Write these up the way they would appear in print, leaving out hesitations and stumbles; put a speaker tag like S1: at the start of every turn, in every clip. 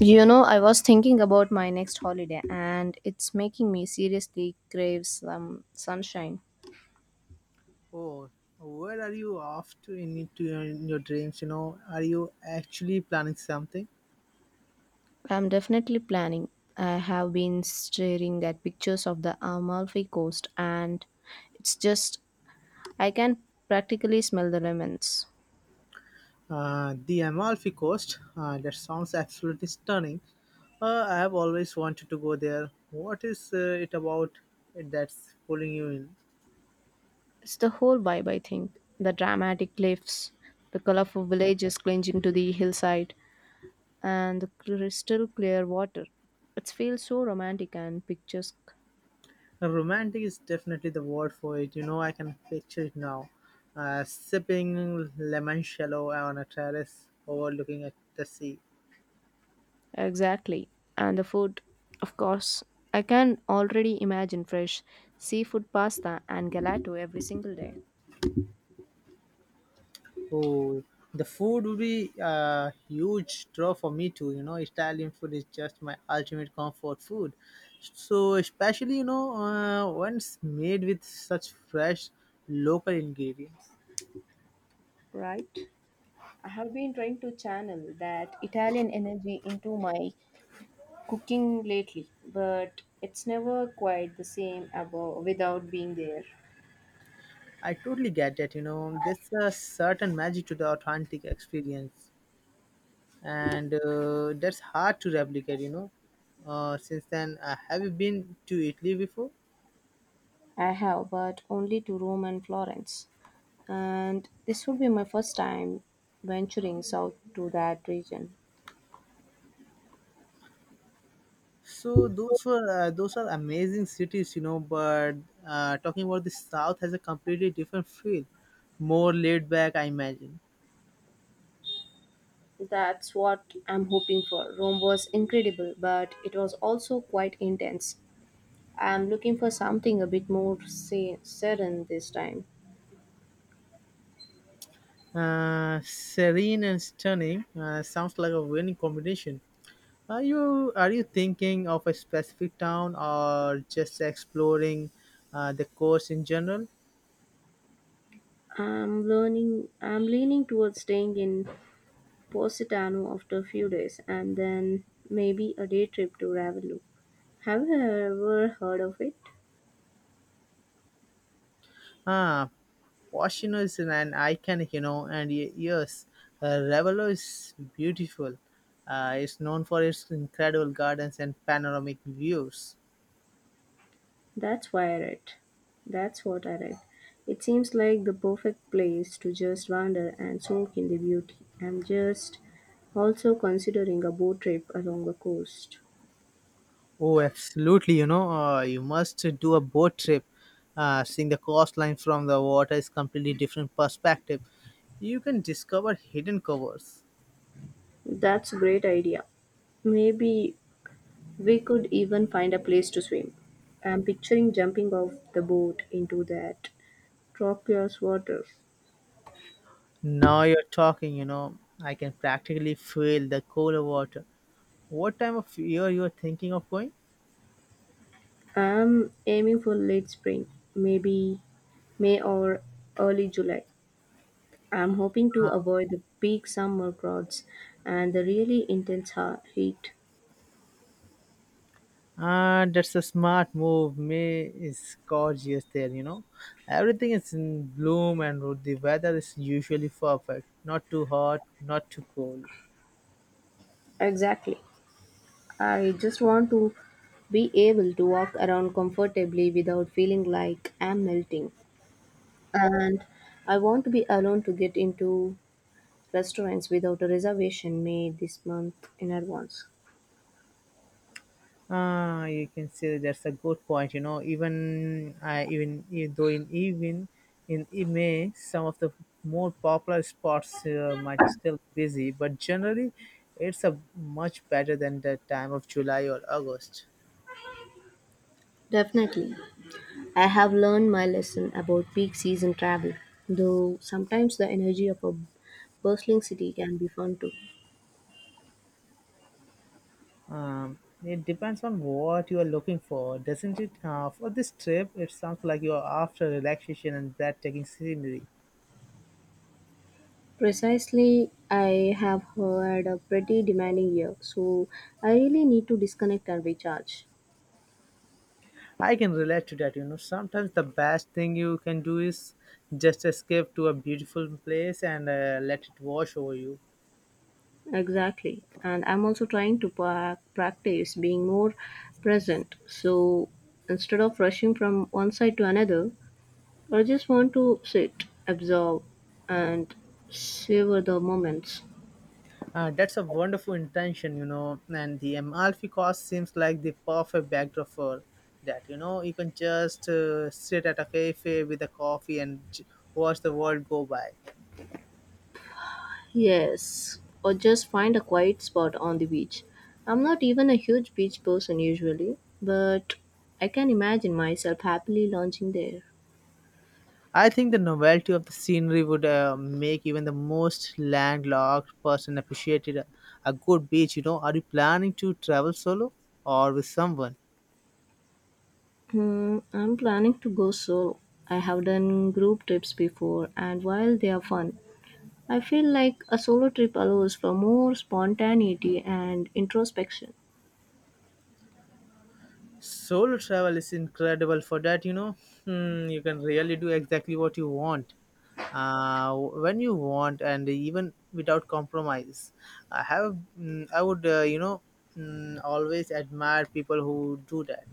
S1: You know, I was thinking about my next holiday and it's making me seriously crave some sunshine.
S2: Oh, where are you off to in your dreams? Are you actually planning something?
S1: I'm definitely planning. I have been staring at pictures of the Amalfi Coast and it's just, I can practically smell the lemons.
S2: The Amalfi Coast. That sounds absolutely stunning. I have always wanted to go there. What is it about it that's pulling you in?
S1: It's the whole vibe, I think. The dramatic cliffs, the colorful villages clinging to the hillside, and the crystal clear water. It feels so romantic and picturesque.
S2: Romantic is definitely the word for it. I can picture it now. Sipping lemon shallow on a terrace overlooking at the sea.
S1: Exactly. And the food, of course. I can already imagine fresh seafood pasta and gelato every single day.
S2: Oh, the food would be a huge draw for me too. Italian food is just my ultimate comfort food. So, especially, when made with such fresh local ingredients.
S1: Right. I have been trying to channel that Italian energy into my cooking lately, but it's never quite the same without being there.
S2: I totally get that, there's a certain magic to the authentic experience, and that's hard to replicate. Since then, have you been to Italy before?
S1: I have, but only to Rome and Florence. And this would be my first time venturing south to that region.
S2: So those are amazing cities. But talking about the South has a completely different feel, more laid back, I imagine.
S1: That's what I'm hoping for. Rome was incredible, but it was also quite intense. I'm looking for something a bit more say, serene this time.
S2: Serene and stunning sounds like a winning combination. Are you thinking of a specific town or just exploring the coast in general?
S1: I'm learning. I'm leaning towards staying in Positano after a few days, and then maybe a day trip to Ravello. Have you ever heard of it?
S2: Ah, Washington is an iconic, and yes, Ravello is beautiful. It's known for its incredible gardens and panoramic views.
S1: That's why I read. That's what I read. It seems like the perfect place to just wander and soak in the beauty. I'm just also considering a boat trip along the coast.
S2: Oh, absolutely, you must do a boat trip. Seeing the coastline from the water is completely different perspective. You can discover hidden covers.
S1: That's a great idea. Maybe we could even find a place to swim. I'm picturing jumping off the boat into that turquoise water.
S2: Now you're talking, I can practically feel the cooler water. What time of year you are thinking of going?
S1: I'm aiming for late spring, maybe May or early July. I'm hoping to avoid the peak summer crowds and the really intense heat.
S2: And that's a smart move. May is gorgeous there. Everything is in bloom and the weather is usually perfect. Not too hot, not too cold.
S1: Exactly. I just want to be able to walk around comfortably without feeling like I'm melting. And I want to be alone to get into restaurants without a reservation made this month in advance.
S2: Ah, you can say that's a good point. Even though in May, some of the more popular spots might still be busy, but generally it's a much better than the time of July or August.
S1: Definitely. I have learned my lesson about peak season travel, though sometimes the energy of a bustling city can be fun too.
S2: Um, it depends on what you are looking for, doesn't it? For this trip, it sounds like you are after relaxation and breathtaking scenery.
S1: Precisely, I have had a pretty demanding year, so I really need to disconnect and recharge.
S2: I can relate to that. Sometimes the best thing you can do is just escape to a beautiful place and let it wash over you.
S1: Exactly. And I'm also trying to practice being more present. So instead of rushing from one side to another, I just want to sit, absorb, and savor the moments.
S2: That's a wonderful intention. And the Amalfi Coast seems like the perfect backdrop for that, you know. You can just sit at a cafe with a coffee and watch the world go by.
S1: Yes, or just find a quiet spot on the beach. I'm not even a huge beach person usually, but I can imagine myself happily lounging there.
S2: I think the novelty of the scenery would make even the most landlocked person appreciate it. A good beach. Are you planning to travel solo or with someone?
S1: Hmm, I'm planning to go solo. I have done group trips before, and while they are fun, I feel like a solo trip allows for more spontaneity and introspection.
S2: Solo travel is incredible for that. You can really do exactly what you want, when you want, and even without compromise. I would, always admire people who do that.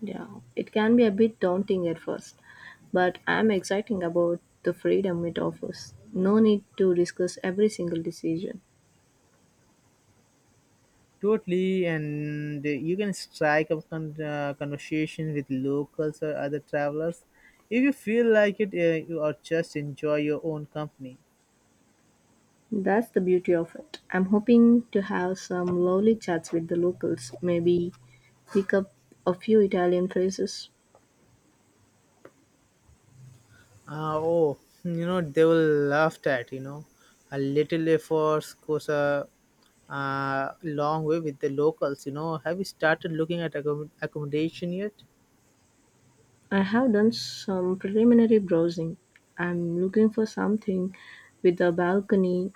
S1: Yeah, it can be a bit daunting at first, but I'm excited about the freedom it offers. No need to discuss every single decision.
S2: Totally, and you can strike up conversation with locals or other travelers if you feel like it, or just enjoy your own company.
S1: That's the beauty of it. I'm hoping to have some lovely chats with the locals, maybe pick up a few Italian phrases.
S2: Oh, you know they will laugh at a little effort goes a long way with the locals. Have you started looking at accommodation yet?
S1: I have done some preliminary browsing. I'm looking for something with a balcony,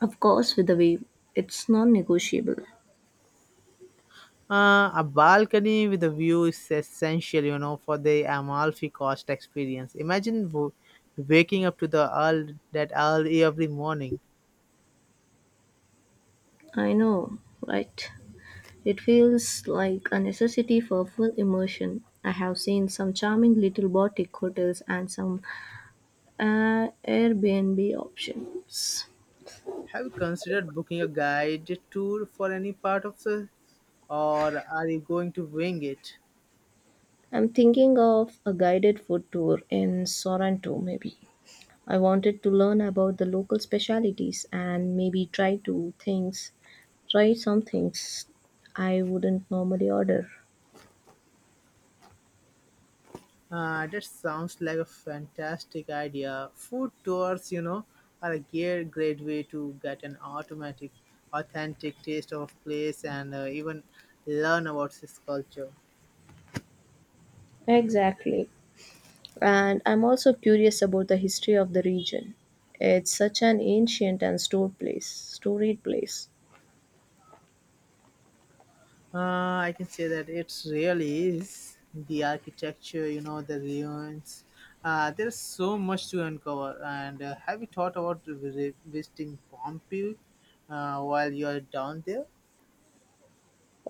S1: of course, with a view. It's non negotiable.
S2: A balcony with a view is essential, for the Amalfi Coast experience. Imagine waking up to the all that early every morning.
S1: I know, right? It feels like a necessity for full immersion. I have seen some charming little boutique hotels and some Airbnb options.
S2: Have you considered booking a guided tour for any part of the, or are you going to wing it?
S1: I'm thinking of a guided food tour in Sorrento, maybe. I wanted to learn about the local specialities and maybe try to things, try some things I wouldn't normally order.
S2: That sounds like a fantastic idea. Food tours, are a great, great way to get an authentic taste of a place and even learn about its culture.
S1: Exactly. And I'm also curious about the history of the region. It's such an ancient and stored place, storied place.
S2: I can say that it really is the architecture, the ruins. There's so much to uncover. And have you thought about visiting Pompeii while you're down there?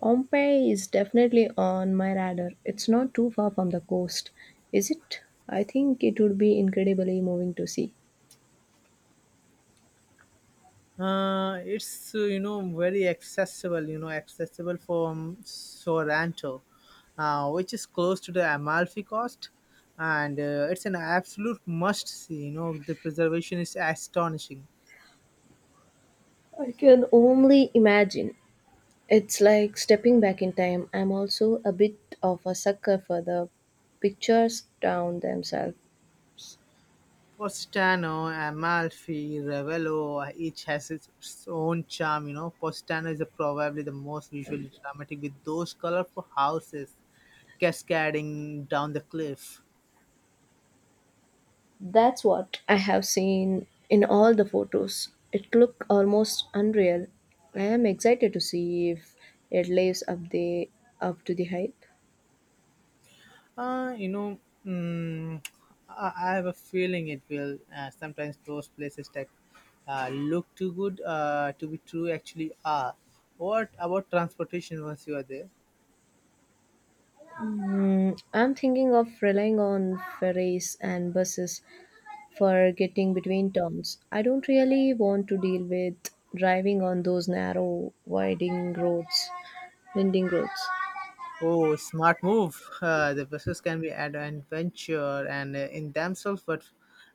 S1: Pompeii is definitely on my radar. It's not too far from the coast, is it? I think it would be incredibly moving to see.
S2: It's very accessible from Sorrento, which is close to the Amalfi Coast, and it's an absolute must see. The preservation is astonishing.
S1: I can only imagine. It's like stepping back in time. I'm also a bit of a sucker for the pictures down themselves.
S2: Positano, Amalfi, Ravello each has its own charm. Positano is probably the most visually dramatic with those colorful houses cascading down the cliff.
S1: That's what I have seen in all the photos. It looked almost unreal. I am excited to see if it lives up the up to the hype.
S2: Uh, you know, mm, I have a feeling it will. Sometimes those places that look too good to be true actually are. What about transportation once you are there?
S1: Mm, I'm thinking of relying on ferries and buses for getting between towns. I don't really want to deal with driving on those winding roads.
S2: Oh, smart move. The buses can be an adventure and in themselves, but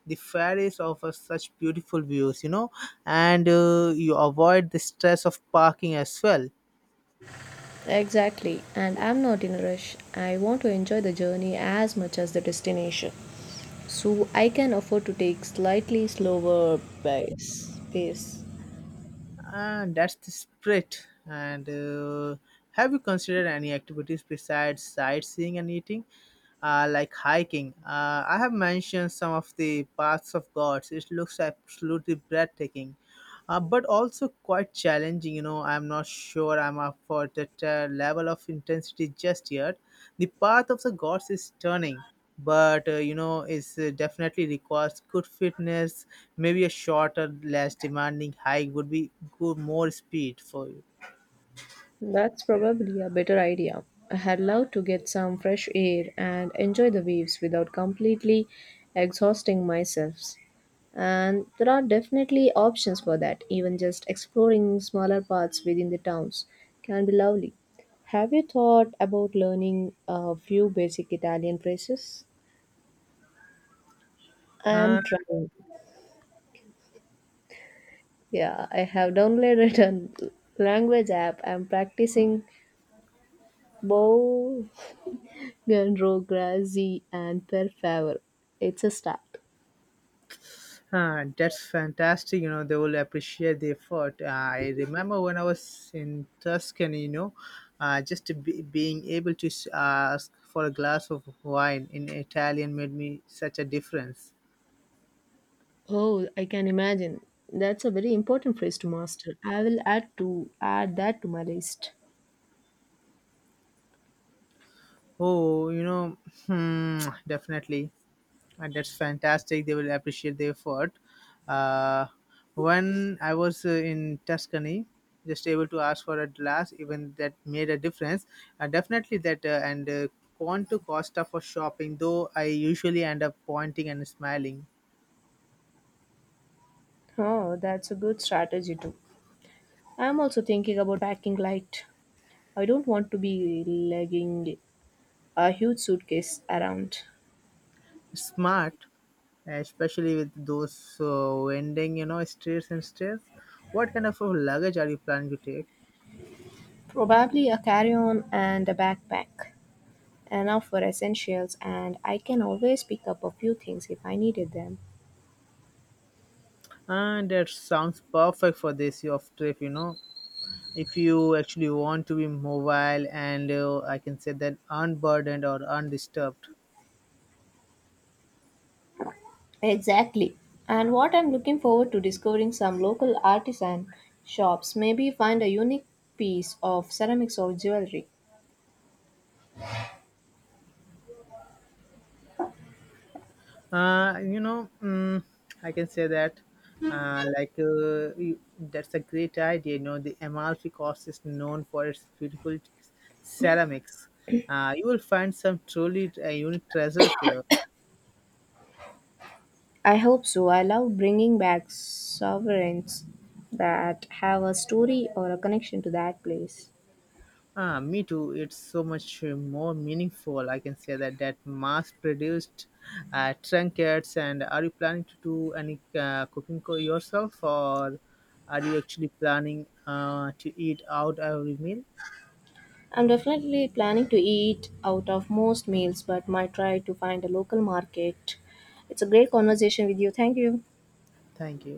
S2: the ferries offer such beautiful views, and you avoid the stress of parking as well.
S1: Exactly, and I'm not in a rush. I want to enjoy the journey as much as the destination, so I can afford to take slightly slower pace. pace.
S2: And that's the spirit. And have you considered any activities besides sightseeing and eating, like hiking? I have mentioned some of the paths of gods. It looks absolutely breathtaking, but also quite challenging. I'm not sure I'm up for that level of intensity just yet. The path of the gods is stunning, but it's definitely requires good fitness, maybe a shorter, less demanding hike would be good more speed for you.
S1: That's probably a better idea. I'd love to get some fresh air and enjoy the waves without completely exhausting myself. And there are definitely options for that. Even just exploring smaller paths within the towns can be lovely. Have you thought about learning a few basic Italian phrases? I'm
S2: Uh,
S1: trying. Yeah, I have downloaded a language app. I'm practicing both Gandro, Grazi, and Per Favor. It's a start.
S2: that's fantastic. They will appreciate the effort. I remember when I was in Tuscany, just being able to ask for a glass of wine in Italian made me such a difference.
S1: Oh, I can imagine. That's a very important phrase to master. I will add that to my list.
S2: Oh, hmm, definitely. And that's fantastic. They will appreciate the effort. Uh, when I was in Tuscany, just able to ask for a glass, even that made a difference. Definitely that, and want to Costa for shopping, though I usually end up pointing and smiling.
S1: Oh, that's a good strategy too. I'm also thinking about packing light. I don't want to be lugging a huge suitcase around.
S2: Smart, especially with those vending, streets and stairs. What kind of luggage are you planning to take?
S1: Probably a carry-on and a backpack. Enough for essentials, and I can always pick up a few things if I needed them.
S2: And that sounds perfect for this year of trip, if you actually want to be mobile, and I can say that unburdened or undisturbed.
S1: Exactly. And what I'm looking forward to discovering some local artisan shops, maybe find a unique piece of ceramics or jewelry.
S2: uh you know mm, I can say that uh, like uh, you- that's a great idea. The Amalfi Coast is known for its beautiful ceramics. You will find some truly unique treasures there.
S1: I hope so. I love bringing back sovereigns that have a story or a connection to that place.
S2: Ah, me too. It's so much more meaningful. I can say that that mass-produced trinkets. And are you planning to do any cooking yourself, or are you actually planning to eat out every meal?
S1: I'm definitely planning to eat out of most meals, but might try to find a local market. It's a great conversation with you. Thank you.
S2: Thank you.